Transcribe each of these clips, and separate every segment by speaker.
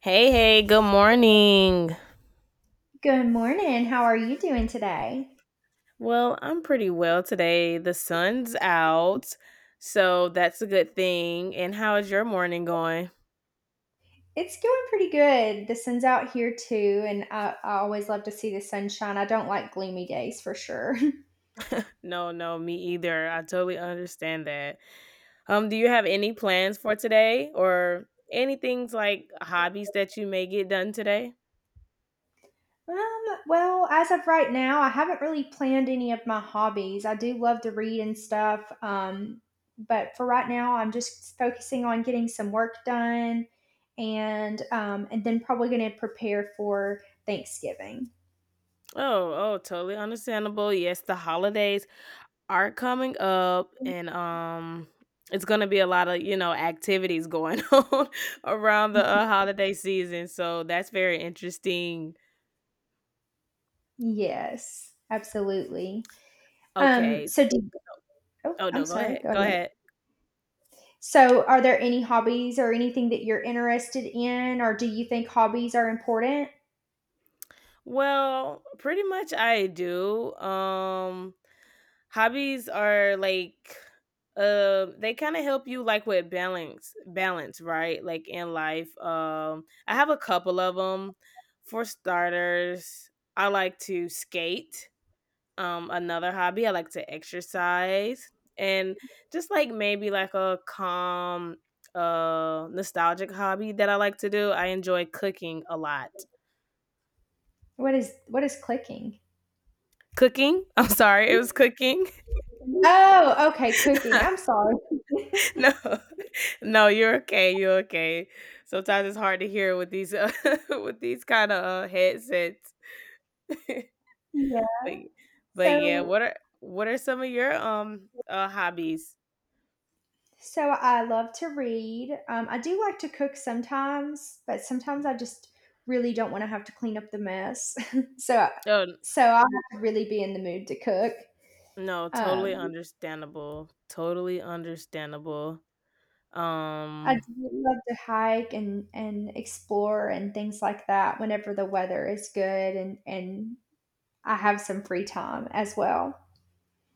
Speaker 1: Hey, hey, good morning.
Speaker 2: Good morning. How are you doing today?
Speaker 1: Well, I'm pretty well today. The sun's out, so that's a good thing. And how is your morning going?
Speaker 2: It's going pretty good. The sun's out here too, and I always love to see the sunshine. I don't like gloomy days for sure.
Speaker 1: No, no, me either. I totally understand that. Do you have any plans for today or anything's like hobbies that you may get done today?
Speaker 2: Well, as of right now, I haven't really planned any of my hobbies. I do love to read and stuff, but for right now, I'm just focusing on getting some work done, and then probably going to prepare for Thanksgiving.
Speaker 1: Oh, oh, totally understandable. Yes, the holidays are coming up and it's going to be a lot of activities going on around the holiday season, so that's very interesting.
Speaker 2: Yes, absolutely.
Speaker 1: Okay.
Speaker 2: So do Oh,
Speaker 1: Oh
Speaker 2: I'm
Speaker 1: no, go
Speaker 2: sorry.
Speaker 1: ahead,
Speaker 2: Go
Speaker 1: go
Speaker 2: ahead.
Speaker 1: ahead.
Speaker 2: So, are there any hobbies or anything that you're interested in, or do you think hobbies are important?
Speaker 1: Well, pretty much I do. Hobbies are like, they kind of help you like with balance, right? Like in life. I have a couple of them. For starters, I like to skate. Another hobby, I like to exercise, and just like maybe like a calm, nostalgic hobby that I like to do. I enjoy cooking a lot.
Speaker 2: What is clicking?
Speaker 1: Cooking? I'm sorry, it was cooking.
Speaker 2: Oh, okay, cooking. I'm sorry.
Speaker 1: No, no, you're okay. You're okay. Sometimes it's hard to hear with these with these kind of headsets. But
Speaker 2: Yeah.
Speaker 1: yeah,
Speaker 2: So,
Speaker 1: what are some of your hobbies?
Speaker 2: so I love to read. I do like to cook sometimes, but sometimes I just really don't want to have to clean up the mess. so,
Speaker 1: Oh,
Speaker 2: so I have to really be in the mood to cook.
Speaker 1: no, totally
Speaker 2: Um,
Speaker 1: understandable, totally understandable.
Speaker 2: I
Speaker 1: Um,
Speaker 2: do love to hike and explore and things like that whenever the weather is good and I have some free time as well.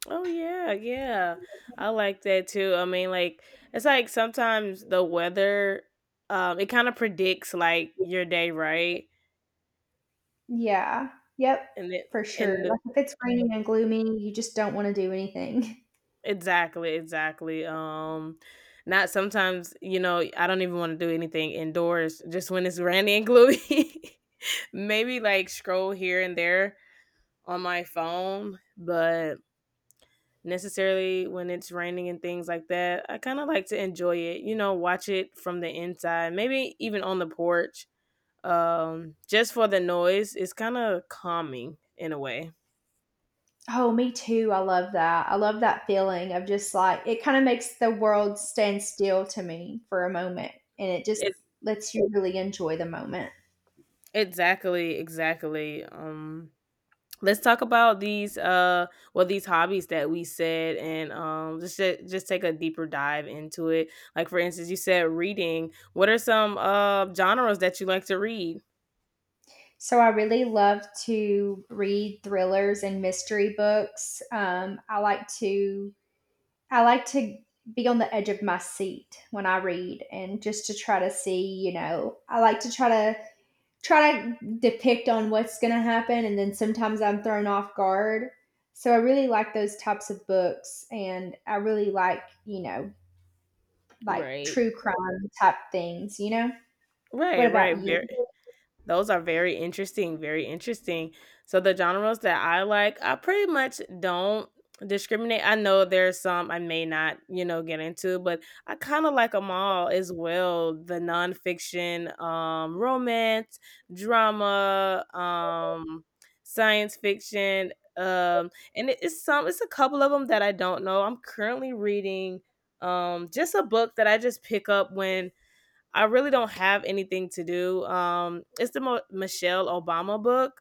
Speaker 1: oh yeah, yeah. I like that too. I mean, like, it's like sometimes the weather, it kind of predicts like your day, right?
Speaker 2: Yeah. Yep,
Speaker 1: And it
Speaker 2: for sure.
Speaker 1: and the
Speaker 2: Like, if it's raining and gloomy, you just don't wanna do anything.
Speaker 1: exactly, exactly. Not sometimes, you know, I don't even want to do anything indoors just when it's rainy and gloomy. Maybe like scroll here and there on my phone, but necessarily when it's raining and things like that. I kind of like to enjoy it, you know, watch it from the inside, maybe even on the porch, just for the noise. It's kind of calming in a way.
Speaker 2: Oh, me too, I love that. I love that feeling of just, like it kinda makes the world stand still to me for a moment, and it just
Speaker 1: It,
Speaker 2: lets you really enjoy the moment.
Speaker 1: exactly, exactly. Let's talk about these well these hobbies that we said, and just take a deeper dive into it. Like, for instance, you said reading. What are some genres that you like to read?
Speaker 2: So I really love to read thrillers and mystery books. I like to be on the edge of my seat when I read and just to try to see, you know, I like to try to depict on what's going to happen and then sometimes I'm thrown off guard. So I really like those types of books and I really like, you know, like
Speaker 1: Right,
Speaker 2: true crime type things, you know?
Speaker 1: right,
Speaker 2: What about
Speaker 1: right.
Speaker 2: you?
Speaker 1: Very. Those are very interesting, very interesting. So the genres that I like, I pretty much don't discriminate. I know there's some I may not, you know, get into, but I kind of like them all as well. The nonfiction, romance, drama, science fiction, and it's some, it's a couple of them that I don't know. I'm currently reading, just a book that I just pick up when I really don't have anything to do. It's the Michelle Obama book.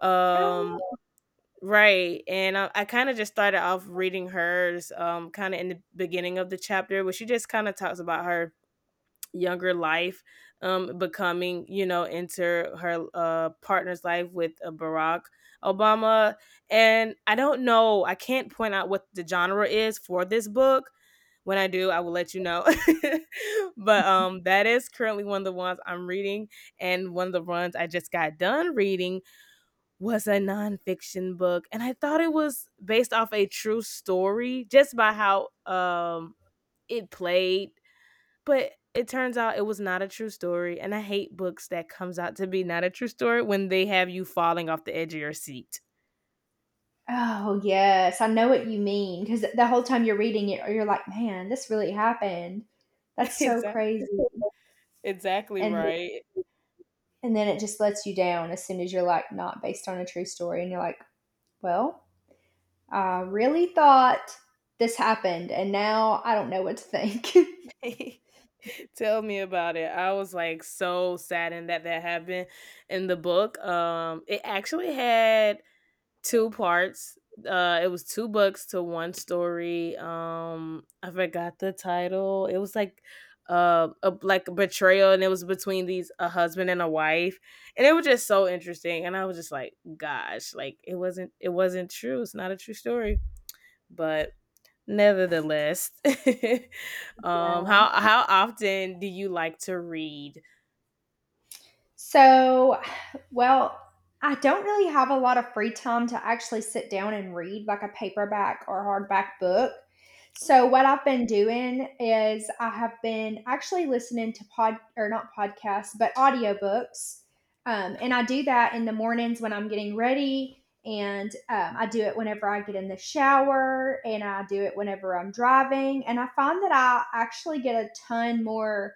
Speaker 1: Um,
Speaker 2: Oh yeah.
Speaker 1: right. And I kind of just started off reading hers, kind of in the beginning of the chapter, where she just kind of talks about her younger life, becoming, you know, into her partner's life with Barack Obama. And I don't know, I can't point out what the genre is for this book. When I do, I will let you know. But that is currently one of the ones I'm reading. And one of the ones I just got done reading was a nonfiction book. And I thought it was based off a true story just by how it played, but it turns out it was not a true story, and I hate books that comes out to be not a true story when they have you falling off the edge of your seat.
Speaker 2: Oh, yes. I know what you mean because the whole time you're reading it, you're like, "Man, this really happened. That's so
Speaker 1: Exact
Speaker 2: crazy."
Speaker 1: exactly,
Speaker 2: And
Speaker 1: right.
Speaker 2: and then it just lets you down as soon as you're like, "Not based on a true story," and you're like, "Well, I really thought this happened, and now I don't know what to think."
Speaker 1: Tell me about it. I was, like, so saddened that that happened in the book. It actually had two parts. It was two books to one story. I forgot the title. It was like a like a betrayal, and it was between these a husband and a wife, and it was just so interesting. And I was just like, gosh, like it wasn't true. It's not a true story, but nevertheless,
Speaker 2: Yeah.
Speaker 1: how often do you like to read?
Speaker 2: So, well, I don't really have a lot of free time to actually sit down and read like a paperback or hardback book. So, what I've been doing is I have been actually listening to pod or not podcasts, but audiobooks. And I do that in the mornings when I'm getting ready. And I do it whenever I get in the shower and I do it whenever I'm driving. And I find that I actually get a ton more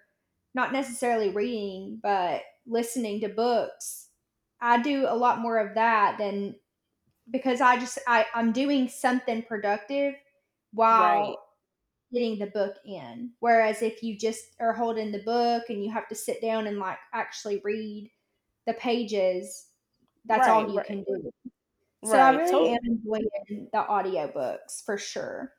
Speaker 2: not necessarily reading, but listening to books. I do a lot more of that than because I just I'm doing something productive while
Speaker 1: Right,
Speaker 2: getting the book in. Whereas if you just are holding the book and you have to sit down and like actually read the pages, that's
Speaker 1: right,
Speaker 2: all you
Speaker 1: right,
Speaker 2: can do. So I
Speaker 1: right.
Speaker 2: really am
Speaker 1: Totally.
Speaker 2: enjoying the audiobooks for sure.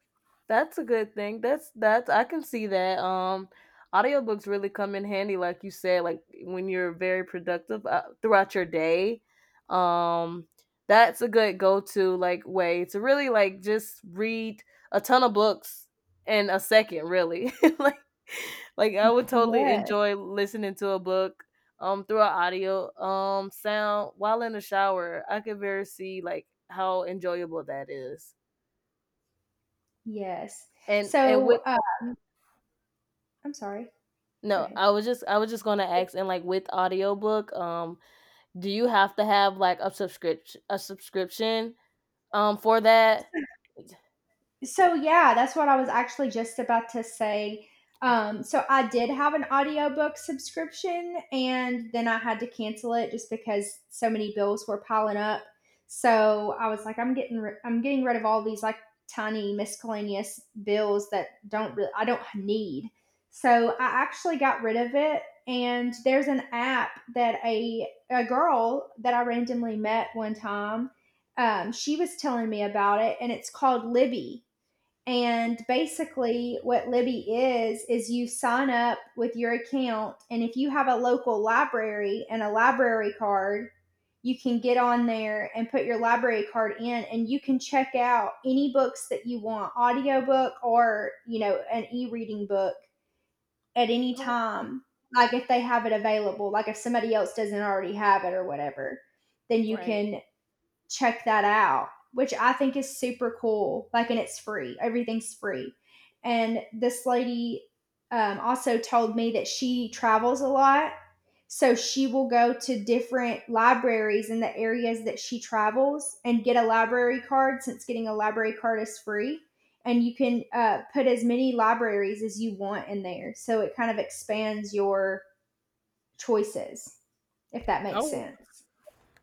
Speaker 1: That's a good thing. That's I can see that. Audiobooks really come in handy, like you said, like when you're very productive throughout your day. Um that's a good go-to like way to really like just read a ton of books in a second, really. like like I would totally
Speaker 2: Yes,
Speaker 1: enjoy listening to a book through an audio sound while in the shower. I could very see like how enjoyable that is.
Speaker 2: yes.
Speaker 1: And
Speaker 2: So
Speaker 1: with
Speaker 2: I'm sorry. Go
Speaker 1: no,
Speaker 2: ahead.
Speaker 1: I was just gonna ask, and like with audiobook, do you have to have like a subscription for that?
Speaker 2: So yeah, that's what I was actually just about to say.
Speaker 1: Okay.
Speaker 2: So I did have an audiobook subscription and then I had to cancel it just because so many bills were piling up. So I was like I'm getting rid of all these like tiny miscellaneous bills that don't really I don't need. So I actually got rid of it and there's an app that a girl that I randomly met one time she was telling me about it, and it's called Libby. And basically, what Libby is you sign up with your account, and if you have a local library and a library card, you can get on there and put your library card in and you can check out any books that you want audiobook or you know an e-reading book at any
Speaker 1: Oh,
Speaker 2: time like if they have it available like if somebody else doesn't already have it or whatever then you
Speaker 1: right.
Speaker 2: can check that out, which I think is super cool. Like, and it's free, everything's free. And this lady also told me that she travels a lot. So she will go to different libraries in the areas that she travels and get a library card since getting a library card is free. And you can put as many libraries as you want in there. So it kind of expands your choices, if that makes
Speaker 1: Oh,
Speaker 2: sense.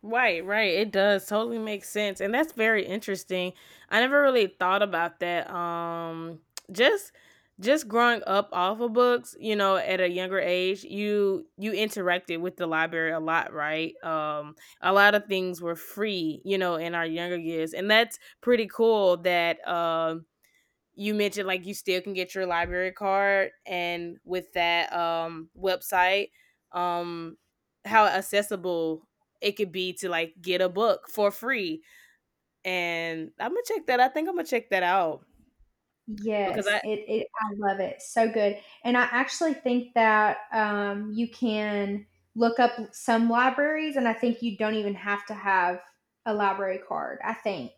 Speaker 1: right, right. It does totally make sense. And that's very interesting. I never really thought about that. Just growing up off of books, you know, at a younger age, you interacted with the library a lot, right? A lot of things were free, you know, in our younger years. And that's pretty cool that you mentioned like you still can get your library card, and with that website, um how accessible it could be to like get a book for free. And I'm gonna check that. I think I'm gonna check that out, because
Speaker 2: Yes,
Speaker 1: I
Speaker 2: it I love it, so good, and I actually think that, you can look up some libraries, and I think you don't even have to have a library card, I think.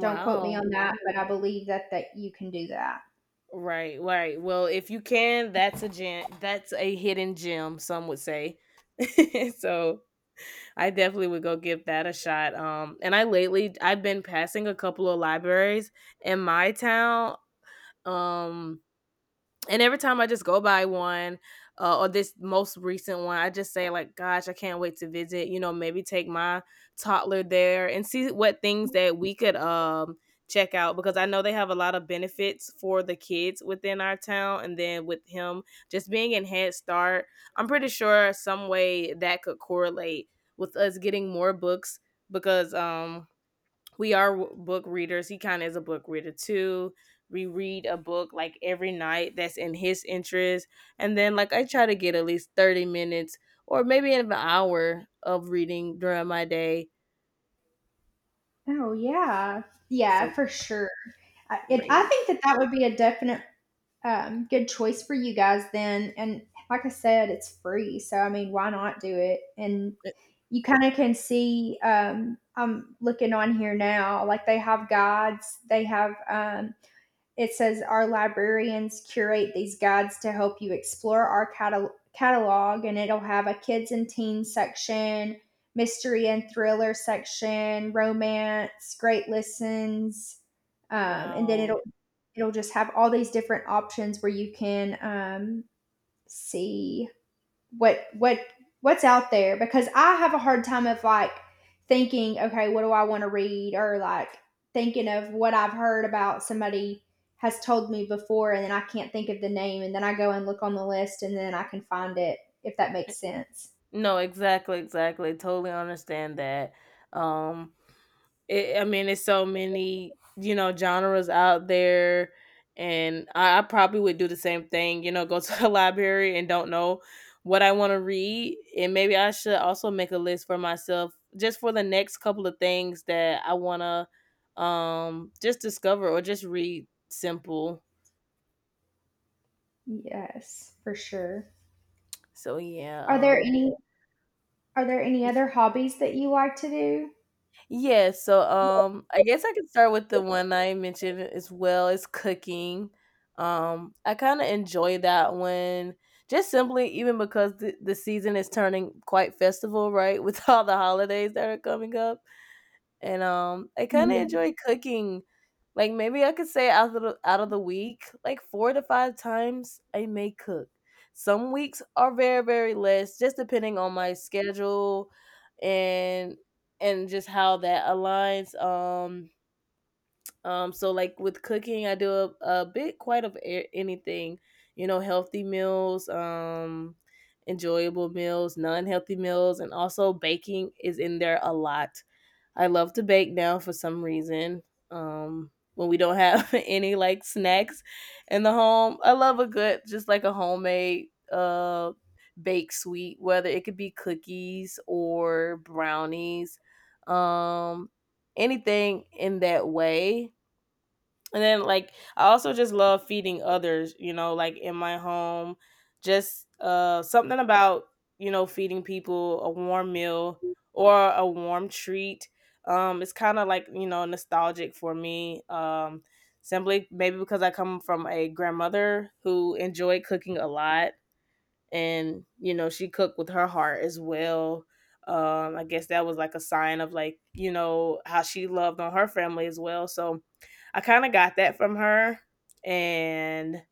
Speaker 2: Don't quote me on that, but I believe that you can do that.
Speaker 1: right, right. Well, if you can, that's a gem. That's a hidden gem, some would say. So I definitely would go give that a shot. And I lately I've been passing a couple of libraries in my town. Um, and every time I just go by one, or this most recent one, I just say like, "Gosh, I can't wait to visit." You know, maybe take my toddler there and see what things that we could check out, because I know they have a lot of benefits for the kids within our town. And then with him just being in Head Start, I'm pretty sure some way that could correlate with us getting more books, because book readers. He kind of is a book reader too. We read a book like every night that's in his interest. And then, like, I try to get at least 30 minutes or maybe an hour of reading during my day.
Speaker 2: Oh, yeah.
Speaker 1: So
Speaker 2: Yeah, for sure. I
Speaker 1: great.
Speaker 2: think that that would be a definite, good choice for you guys then, and like I said, it's free, so, I mean, why not do it and you kind of can see I'm looking on here now like they have guides they have it says our librarians curate these guides to help you explore our catalog and it'll have a kids and teens section, mystery and thriller section, romance, great listens, and then
Speaker 1: Wow.
Speaker 2: it'll just have all these different options where you can see what what what's out there because I have a hard time of like thinking, okay, what do I want to read or like thinking of what I've heard about somebody has told me before and then I can't think of the name and then I go and look on the list and then I can find it if that makes sense.
Speaker 1: No, exactly, exactly. Totally understand that. Um, It, I mean, it's so many, you know, genres out there, and I probably would do the same thing. You know, go to the library and don't know what I want to read, and maybe I should also make a list for myself just for the next couple of things that I want to just discover or just read, simple.
Speaker 2: Yes, for sure.
Speaker 1: So yeah.
Speaker 2: Are there any are there any other hobbies that you like to
Speaker 1: Yeah, so I guess I could start with the one I mentioned as well as cooking. I kind of enjoy that one just simply even because the season is turning quite festival, right? With all the holidays that are coming up. And, I kinda
Speaker 2: do?
Speaker 1: enjoy cooking. Like, maybe I could say out of the week, like, 4 to 5 times I may cook. Some weeks are very, very less, just depending on my schedule and just how that aligns. So, like, with cooking, I do a bit quite of a anything, you know, healthy meals, enjoyable meals, non-healthy meals, and also baking is in there a lot. I love to bake now for some reason. When we don't have any like snacks in the home, I love a good just like a homemade baked sweet, whether it could be cookies or brownies, um, anything in that way. And then, like, I also just love feeding others, you know, like in my home. Just something about, you know, feeding people a warm meal or a warm treat. It's kind of like, you know, nostalgic for me. Simply maybe because I come from a grandmother who enjoyed cooking a lot, and, you know, she cooked with her heart as well. I guess that was like a sign of like, you know, how she loved on her family as well. So I kind of got that from her. And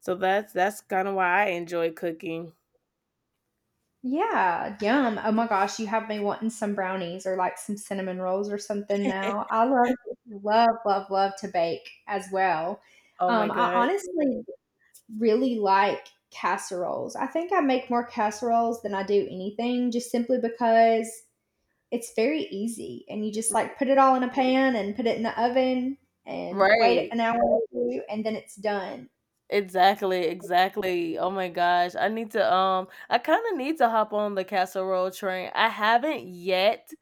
Speaker 1: so that's kind of why I enjoy cooking.
Speaker 2: Yeah, yum. Oh my gosh, you have me wanting some brownies or like some cinnamon rolls or something now. I love, love, love, love to bake as well.
Speaker 1: Oh my
Speaker 2: I
Speaker 1: gosh.
Speaker 2: honestly really like casseroles. I think I make more casseroles than I do anything just simply because it's very easy and you just like put it all in a pan and put it in the oven and wait
Speaker 1: Right,
Speaker 2: an hour or two and then it's done.
Speaker 1: exactly, exactly. Oh my gosh, I need to I kind of need to hop on the casserole train. I haven't yet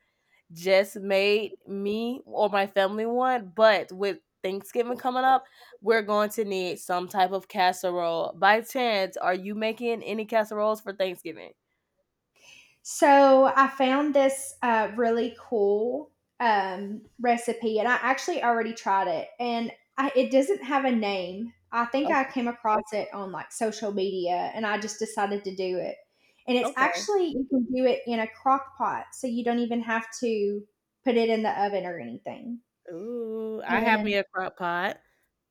Speaker 1: just made me or my family one, but with Thanksgiving coming up, we're going to need some type of casserole. By chance, are you making any casseroles for Thanksgiving?
Speaker 2: So I found this really cool recipe, and I actually already tried it, and it doesn't have a name. I think I
Speaker 1: Okay.
Speaker 2: came across it on like social media, and I just decided to do it. And it's
Speaker 1: Okay.
Speaker 2: actually you can do it in a crock pot, so you don't even have to put it in the oven or anything.
Speaker 1: Ooh, I have me
Speaker 2: And
Speaker 1: a crock pot.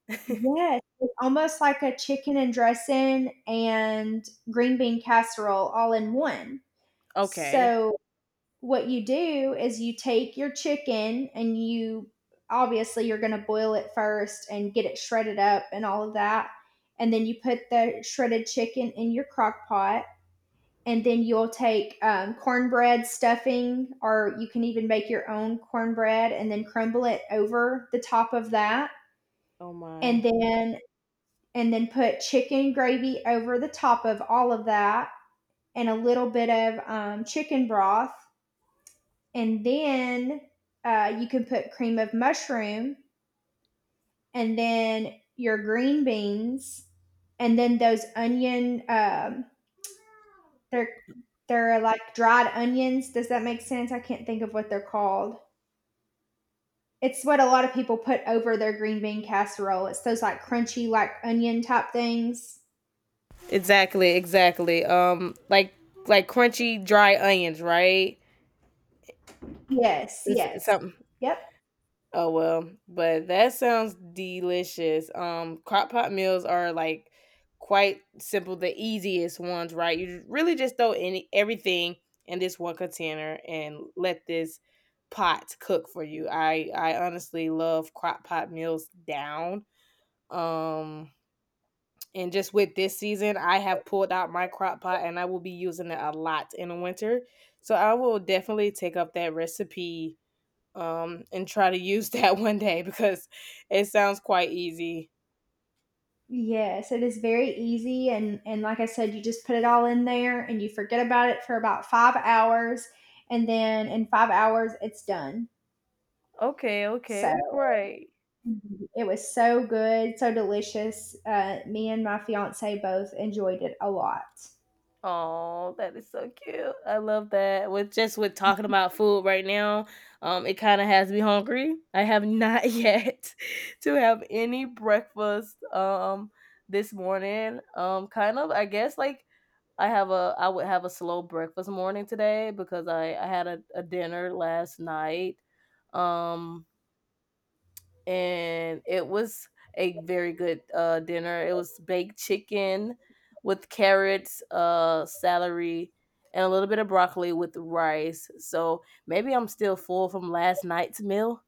Speaker 2: yes, it's almost like a chicken and dressing and green bean casserole all in one.
Speaker 1: Okay.
Speaker 2: So what you do is you take your chicken and you obviously you're going to boil it first and get it shredded up and all of that and then you put the shredded chicken in your crock pot and then you'll take cornbread stuffing or you can even make your own cornbread and then crumble it over the top of that
Speaker 1: Oh
Speaker 2: and
Speaker 1: my.
Speaker 2: then and then put chicken gravy over the top of all of that and a little bit of chicken broth and then you can put cream of mushroom and then your green beans and then those onion they're they're like dried onions, does that make sense, I can't think of what they're called. It's what a lot of people put over their green bean casserole, it's those like crunchy like onion type things.
Speaker 1: Exactly, exactly. Like crunchy dry onions, right?
Speaker 2: Yes,
Speaker 1: It's
Speaker 2: yes,
Speaker 1: something.
Speaker 2: yep.
Speaker 1: Oh well, but that sounds delicious. Crock pot meals are like quite simple, the easiest ones, right? You really just throw any everything in this one container and let this pot cook for you. I honestly love crock pot meals down. Um, and just with this season, I have pulled out my crock pot and I will be using it a lot in the winter. So I will definitely take up that recipe and try to use that one day because it sounds quite easy.
Speaker 2: Yes, it is very easy and like I said, you just put it all in there and you forget about it for about 5 hours and then in 5 hours it's done.
Speaker 1: Okay,
Speaker 2: So,
Speaker 1: okay, right.
Speaker 2: mhm, it was so good, so delicious. Me and my fiancé both enjoyed it a lot.
Speaker 1: Oh, that is so cute. I love that. With talking about food right now, it kind of has me hungry. I have not yet to have any breakfast this morning. I guess like I would have a slow breakfast morning today because I had a dinner last night. Um and it was a very good dinner. It was baked chicken with carrots, celery, and a little bit of broccoli with rice. So maybe I'm still full from last night's meal.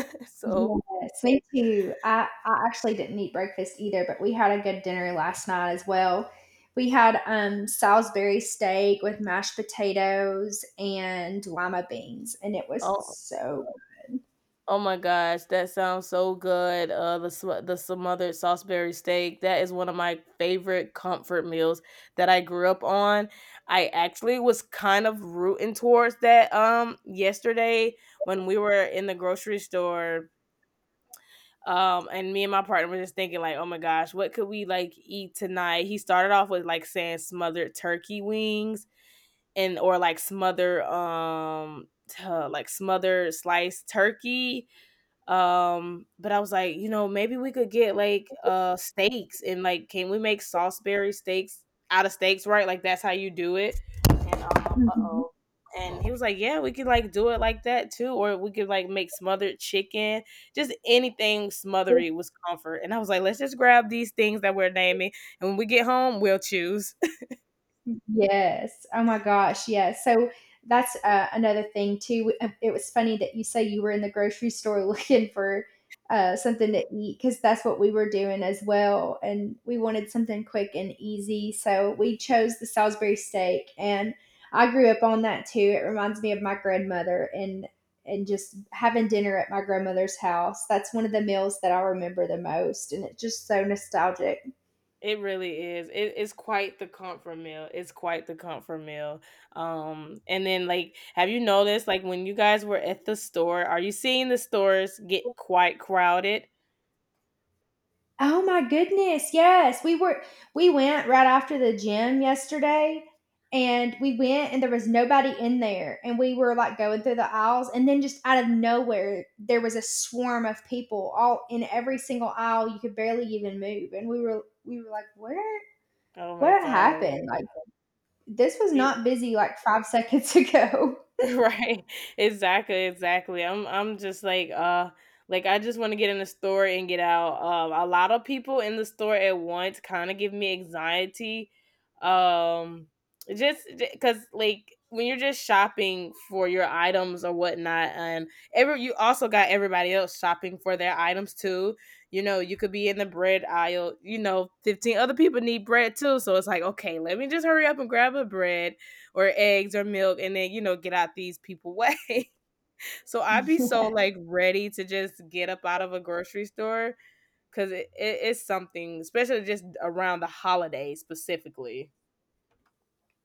Speaker 1: So.
Speaker 2: Yes, me too. I actually didn't eat breakfast either, but we had a good dinner last night as well. We had Salisbury steak with mashed potatoes and lima beans, and it was
Speaker 1: Oh.
Speaker 2: so.
Speaker 1: Oh my gosh, that sounds so good. The smothered Salisbury steak. That is one of my favorite comfort meals that I grew up on. I actually was kind of rooting towards that yesterday when we were in the grocery store. And me and my partner were just thinking like, oh my gosh, what could we like eat tonight? He started off with like saying smothered turkey wings and or like like smothered sliced turkey but I was like, you know, maybe we could get like steaks and like can we make Salisbury steaks out of steaks, right? Like that's how you do it. And uh
Speaker 2: Mhm.
Speaker 1: oh. And he was like, yeah, we could like do it like that too, or we could like make smothered chicken, just anything smothery was comfort. And I was like, let's just grab these things that we're naming, and when we get home, we'll choose.
Speaker 2: Yes. Oh my gosh. Yes. So that's another thing too. It was funny that you say you were in the grocery store looking for something to eat because that's what we were doing as well, and we wanted something quick and easy. So we chose the Salisbury steak, and I grew up on that too. It reminds me of my grandmother and just having dinner at my grandmother's house. That's one of the meals that I remember the most, and it's just so nostalgic.
Speaker 1: It really is. It is quite the comfort meal. It's quite the comfort meal. And then like, have you noticed like when you guys were at the store, are you seeing the stores get quite crowded?
Speaker 2: Oh my goodness. Yes. We went right after the gym yesterday and we went and there was nobody in there and we were like going through the aisles and then just out of nowhere there was a swarm of people all in every single aisle. You could barely even move and we were like, where,
Speaker 1: Oh my
Speaker 2: what
Speaker 1: god.
Speaker 2: happened? Like this was not busy like 5 seconds ago.
Speaker 1: Right. Exactly, exactly. I'm just like I just want to get in the store and get out. A lot of people in the store at once kind of give me anxiety. Um, just Because like when you're just shopping for your items or whatnot, and every you also got everybody else shopping for their items too. You know, you could be in the bread aisle. You know, 15 other people need bread too, so it's like, okay, let me just hurry up and grab a bread or eggs or milk and then you know get out these people way so I'd be so like ready to just get up out of a grocery store because it's something especially just around the holidays specifically.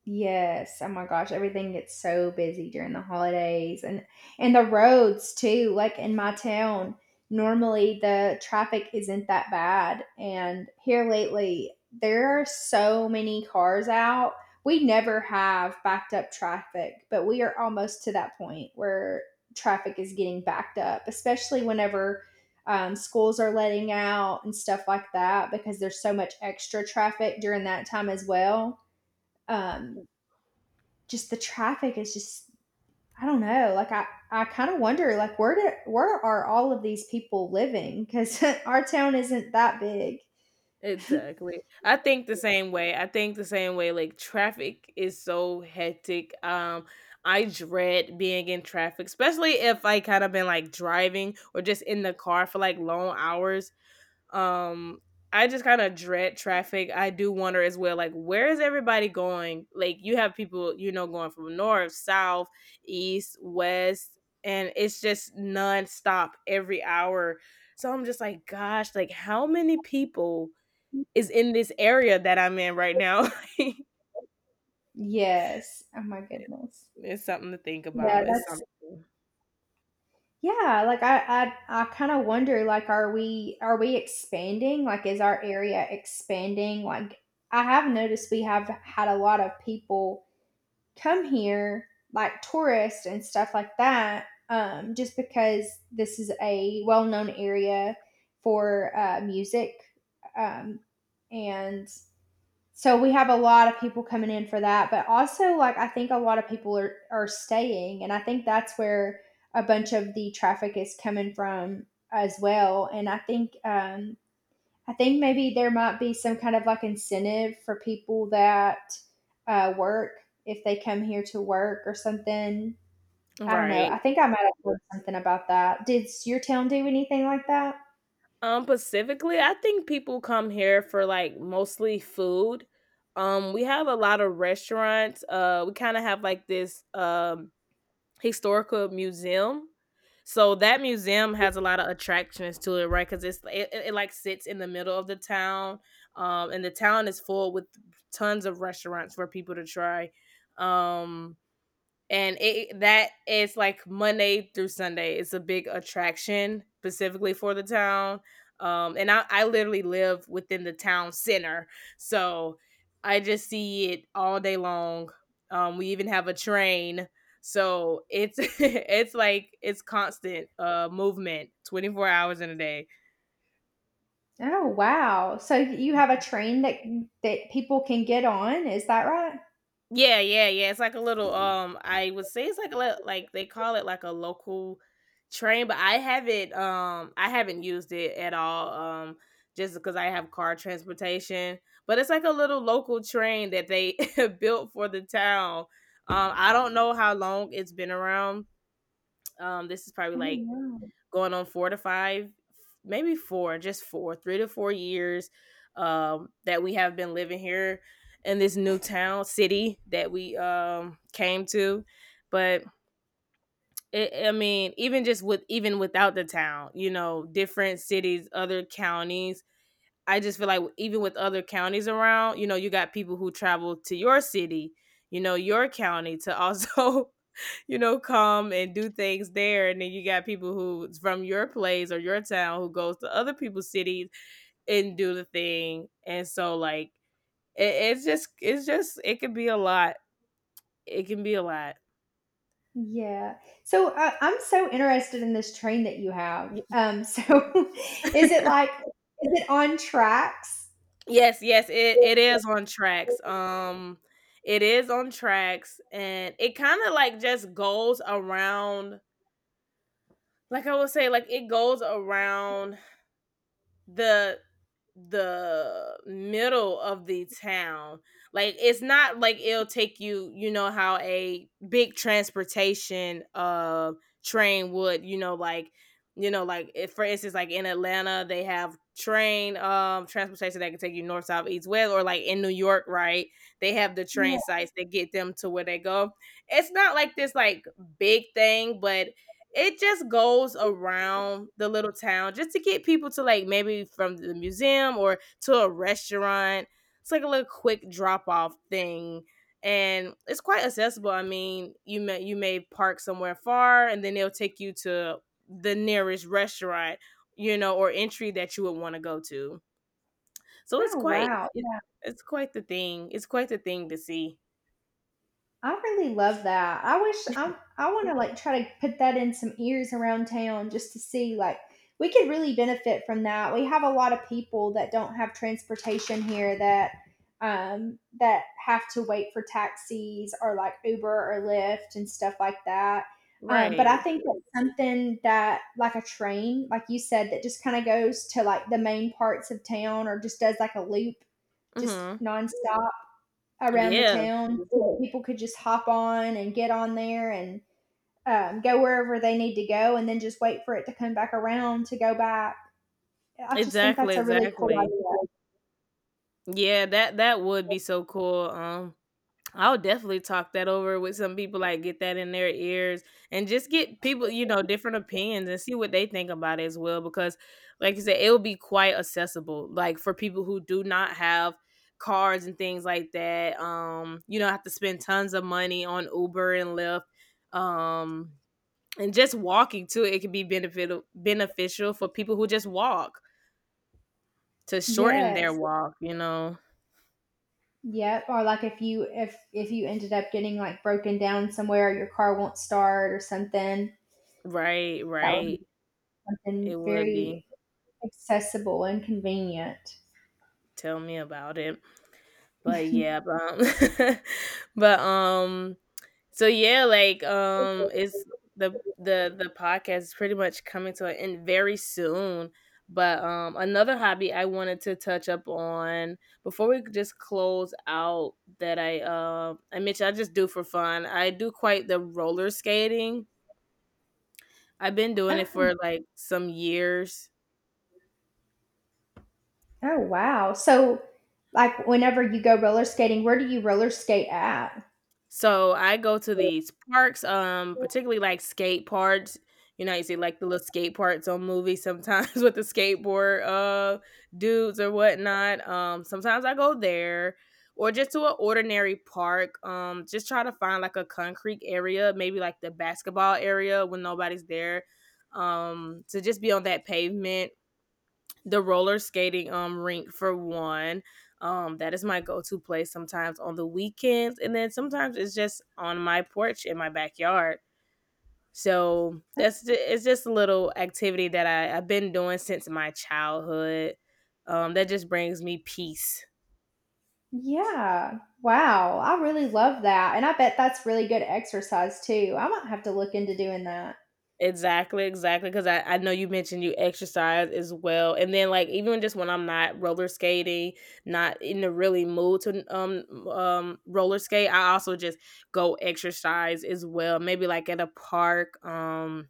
Speaker 2: Yes. Oh my gosh, everything gets so busy during the holidays and the roads too. Like in my town, normally the traffic isn't that bad, and here lately there are so many cars out. We never have backed up traffic, but we are almost to that point where traffic is getting backed up, especially whenever schools are letting out and stuff like that because there's so much extra traffic during that time as well. um, just the traffic is just, I don't know. Like I kind of wonder like where are all of these people living? Because our town isn't that big.
Speaker 1: Exactly. I think the same way. I think the same way. Like traffic is so hectic. I dread being in traffic, especially if I kind of been like driving or just in the car for like long hours. Um, I just kind of dread traffic. I do wonder as well, like, where is everybody going? Like, you have people, you know, going from north, south, east, west, and it's just nonstop every hour. So I'm just like, gosh, like, how many people is in this area that I'm in right now?
Speaker 2: Yes. Oh my goodness.
Speaker 1: It's something to think
Speaker 2: Yeah,
Speaker 1: about. It's
Speaker 2: that's,
Speaker 1: something.
Speaker 2: yeah. Like I kind of wonder, like, are we expanding? Like is our area expanding? Like I have noticed we have had a lot of people come here like tourists and stuff like that, just because this is a well known area for music. Um, and so we have a lot of people coming in for that. But also, like, I think a lot of people are staying. And I think that's where a bunch of the traffic is coming from as well. And I think maybe there might be some kind of like incentive for people that work, if they come here to work or something. I don't know.
Speaker 1: Right.
Speaker 2: I think I might have heard something about that. Did your town do anything like that?
Speaker 1: Specifically, I think people come here for like mostly food. We have a lot of restaurants. We kind of have like this historical museum. So that museum has a lot of attractions to it, right? Because it like sits in the middle of the town, and the town is full with tons of restaurants for people to try. Um, and it that is like Monday through Sunday. It's a big attraction specifically for the town. And I literally live within the town center, so I just see it all day long. We even have a train, so it's it's like it's constant movement, 24 hours in a day.
Speaker 2: Oh wow! So you have a train that people can get on. Is that right?
Speaker 1: Yeah, it's like a little, I would say it's like a lit like, they call it like a local train, but I haven't used it at all, just because I have car transportation, but it's like a little local train that they built for the town. I don't know how long it's been around. This is probably
Speaker 2: Oh,
Speaker 1: like
Speaker 2: wow.
Speaker 1: going on four to five, maybe four, just four, 3 to 4 years that we have been living here in this new town city that we came to. But it, I mean, even just with even without the town, you know, different cities, other counties, I just feel like even with other counties around, you know, you got people who travel to your city, you know, your county to also, you know, come and do things there. And then you got people who's from your place or your town who goes to other people's cities and do the thing. And so like it's just it could be a lot. It can be a lot.
Speaker 2: Yeah. So I'm so interested in this train that you have.
Speaker 1: Y-
Speaker 2: So is it like, is it on tracks?
Speaker 1: Yes, yes, it is on tracks. It is on tracks and it kind of like just goes around like I would say, like it goes around the the middle of the town. Like it's not like it'll take you, you know, how a big transportation train would, you know, like if, for instance, like in Atlanta, they have train transportation that can take you north, south, east, west, or like in New York, right? They have the train
Speaker 2: Yeah.
Speaker 1: sites that get them to where they go. It's not like this like big thing, but it just goes around the little town just to get people to like maybe from the museum or to a restaurant. It's like a little quick drop off thing. And it's quite accessible. I mean, you may park somewhere far and then they'll take you to the nearest restaurant, you know, or entry that you would want to go to. So
Speaker 2: Oh, wow.
Speaker 1: it's quite the thing. It's quite the thing to see.
Speaker 2: I really love that. I wish I want to like try to put that in some ears around town just to see like we could really benefit from that. We have a lot of people that don't have transportation here that have to wait for taxis or like Uber or Lyft and stuff like that. But I
Speaker 1: Right.
Speaker 2: think that something that like a train, like you said, that just kind of goes to like the main parts of town or just does like a loop just
Speaker 1: Mhm.
Speaker 2: nonstop around the
Speaker 1: Yeah.
Speaker 2: town. So people could just hop on and get on there and go wherever they need to go and then just wait for it to come back around to go back. I just think
Speaker 1: Exactly,
Speaker 2: that's a really cool
Speaker 1: exactly.
Speaker 2: idea.
Speaker 1: Yeah, that that would be so cool. I'll definitely talk that over with some people, like get that in their ears and just get people, you know, different opinions and see what they think about it as well. Because, like you said, it'll be quite accessible, like for people who do not have cars and things like that. You don't have to spend tons of money on Uber and Lyft. Um, and just walking too, it can be beneficial for people who just walk to shorten their
Speaker 2: Yes.
Speaker 1: walk. You know,
Speaker 2: Yep. Or like if you ended up getting like broken down somewhere, your car won't start or something,
Speaker 1: right,
Speaker 2: that would
Speaker 1: right.
Speaker 2: be
Speaker 1: It
Speaker 2: something
Speaker 1: would be.
Speaker 2: very accessible and convenient.
Speaker 1: Tell me about it. But yeah, um, but so yeah, it's the podcast is pretty much coming to an end very soon. But Another hobby I wanted to touch up on before we just close out that I mentioned I just do for fun. I do quite the roller skating. I've been doing it
Speaker 2: Oh,
Speaker 1: for like some years.
Speaker 2: oh wow. So like whenever you go roller skating, where do you roller skate at?
Speaker 1: So I go to these parks, particularly like skate parks. You know, you see like the little skate parks on movies sometimes with the skateboard dudes or whatnot. Sometimes I go there or just to an ordinary park. Just try to find like a concrete area, maybe like the basketball area when nobody's there. To just be on that pavement the roller skating rink for one. That is my go-to place sometimes on the weekends, and then sometimes it's just on my porch in my backyard. So that's it's just a little activity that I've been doing since my childhood. That just brings me peace.
Speaker 2: Yeah. Wow. I really love that. And I bet that's really good exercise too. I might have to look into doing that.
Speaker 1: Exactly, exactly. Because I know you mentioned you exercise as well, and then like even just when I'm not roller skating, not in the really mood to roller skate, I also just go exercise as well. Maybe like at a park,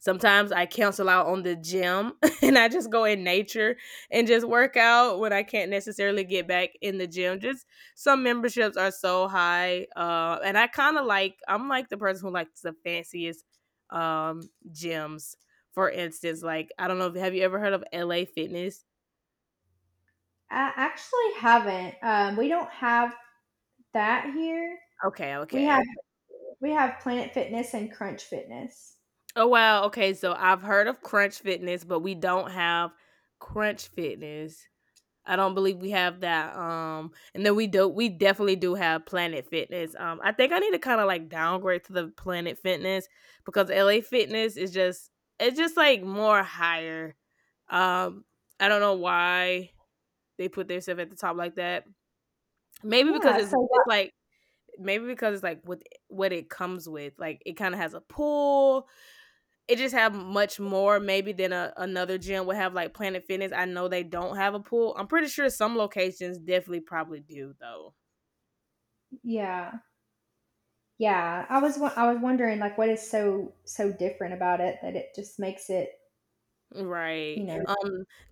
Speaker 1: sometimes I cancel out on the gym and I just go in nature and just work out when I can't necessarily get back in the gym. Just some memberships are so high. And I kind of like, I'm like the person who likes the fanciest gyms. For instance, like, I don't know, if have you ever heard of LA Fitness?
Speaker 2: I actually haven't. We don't have that here.
Speaker 1: Okay,
Speaker 2: We
Speaker 1: okay.
Speaker 2: have we have Planet Fitness and Crunch Fitness.
Speaker 1: Oh, wow. Okay, so I've heard of Crunch Fitness, but we don't have Crunch Fitness. I don't believe we have that. And then we definitely do have Planet Fitness. I think I need to kind of like downgrade to the Planet Fitness because LA Fitness is just it's just like more higher. Um, I don't know why they put their stuff at the top like that. Maybe because
Speaker 2: Yeah,
Speaker 1: it's
Speaker 2: so
Speaker 1: it's
Speaker 2: what
Speaker 1: like Maybe because it's like with what it comes with. Like it kind of has a pool it just have much more maybe than another gym would have like Planet Fitness. I know they don't have a pool. I'm pretty sure some locations definitely probably do though.
Speaker 2: yeah. Yeah. I was wondering like what is so different about it that it just makes it,
Speaker 1: Right.
Speaker 2: you know.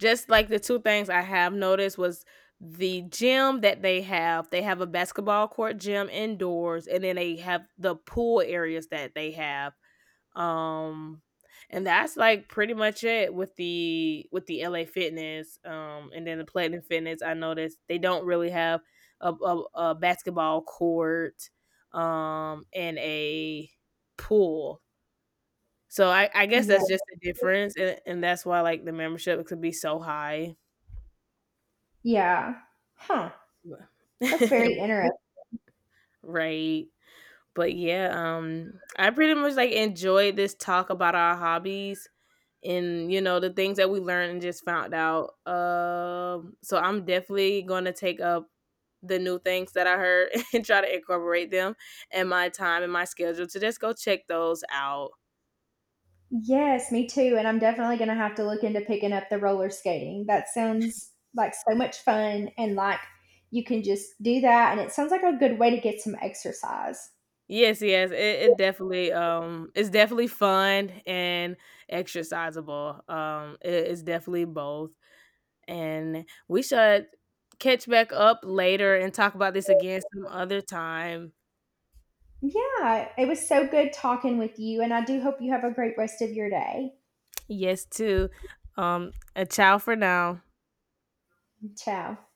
Speaker 1: Just like the two things I have noticed was the gym that they have, they have a basketball court gym indoors, and then they have the pool areas that they have. Um and that's like pretty much it with the LA Fitness, and then the Platinum Fitness I noticed they don't really have a basketball court and a pool. So I guess
Speaker 2: Yeah.
Speaker 1: that's just the difference, and that's why like the membership could be so high.
Speaker 2: Yeah. Huh. That's very interesting.
Speaker 1: Right. But yeah, I pretty much like enjoyed this talk about our hobbies and you know the things that we learned and just found out. So I'm definitely gonna take up the new things that I heard and try to incorporate them in my time and my schedule to just go check those out.
Speaker 2: Yes, me too. And I'm definitely going to have to look into picking up the roller skating. That sounds like so much fun. And like you can just do that. And it sounds like a good way to get some exercise.
Speaker 1: Yes, yes, it definitely it's definitely fun and exercisable. It's definitely both, and we should catch back up later and talk about this again some other time.
Speaker 2: Yeah, it was so good talking with you. And I do hope you have a great rest of your day.
Speaker 1: Yes, too. A ciao for now.
Speaker 2: Ciao.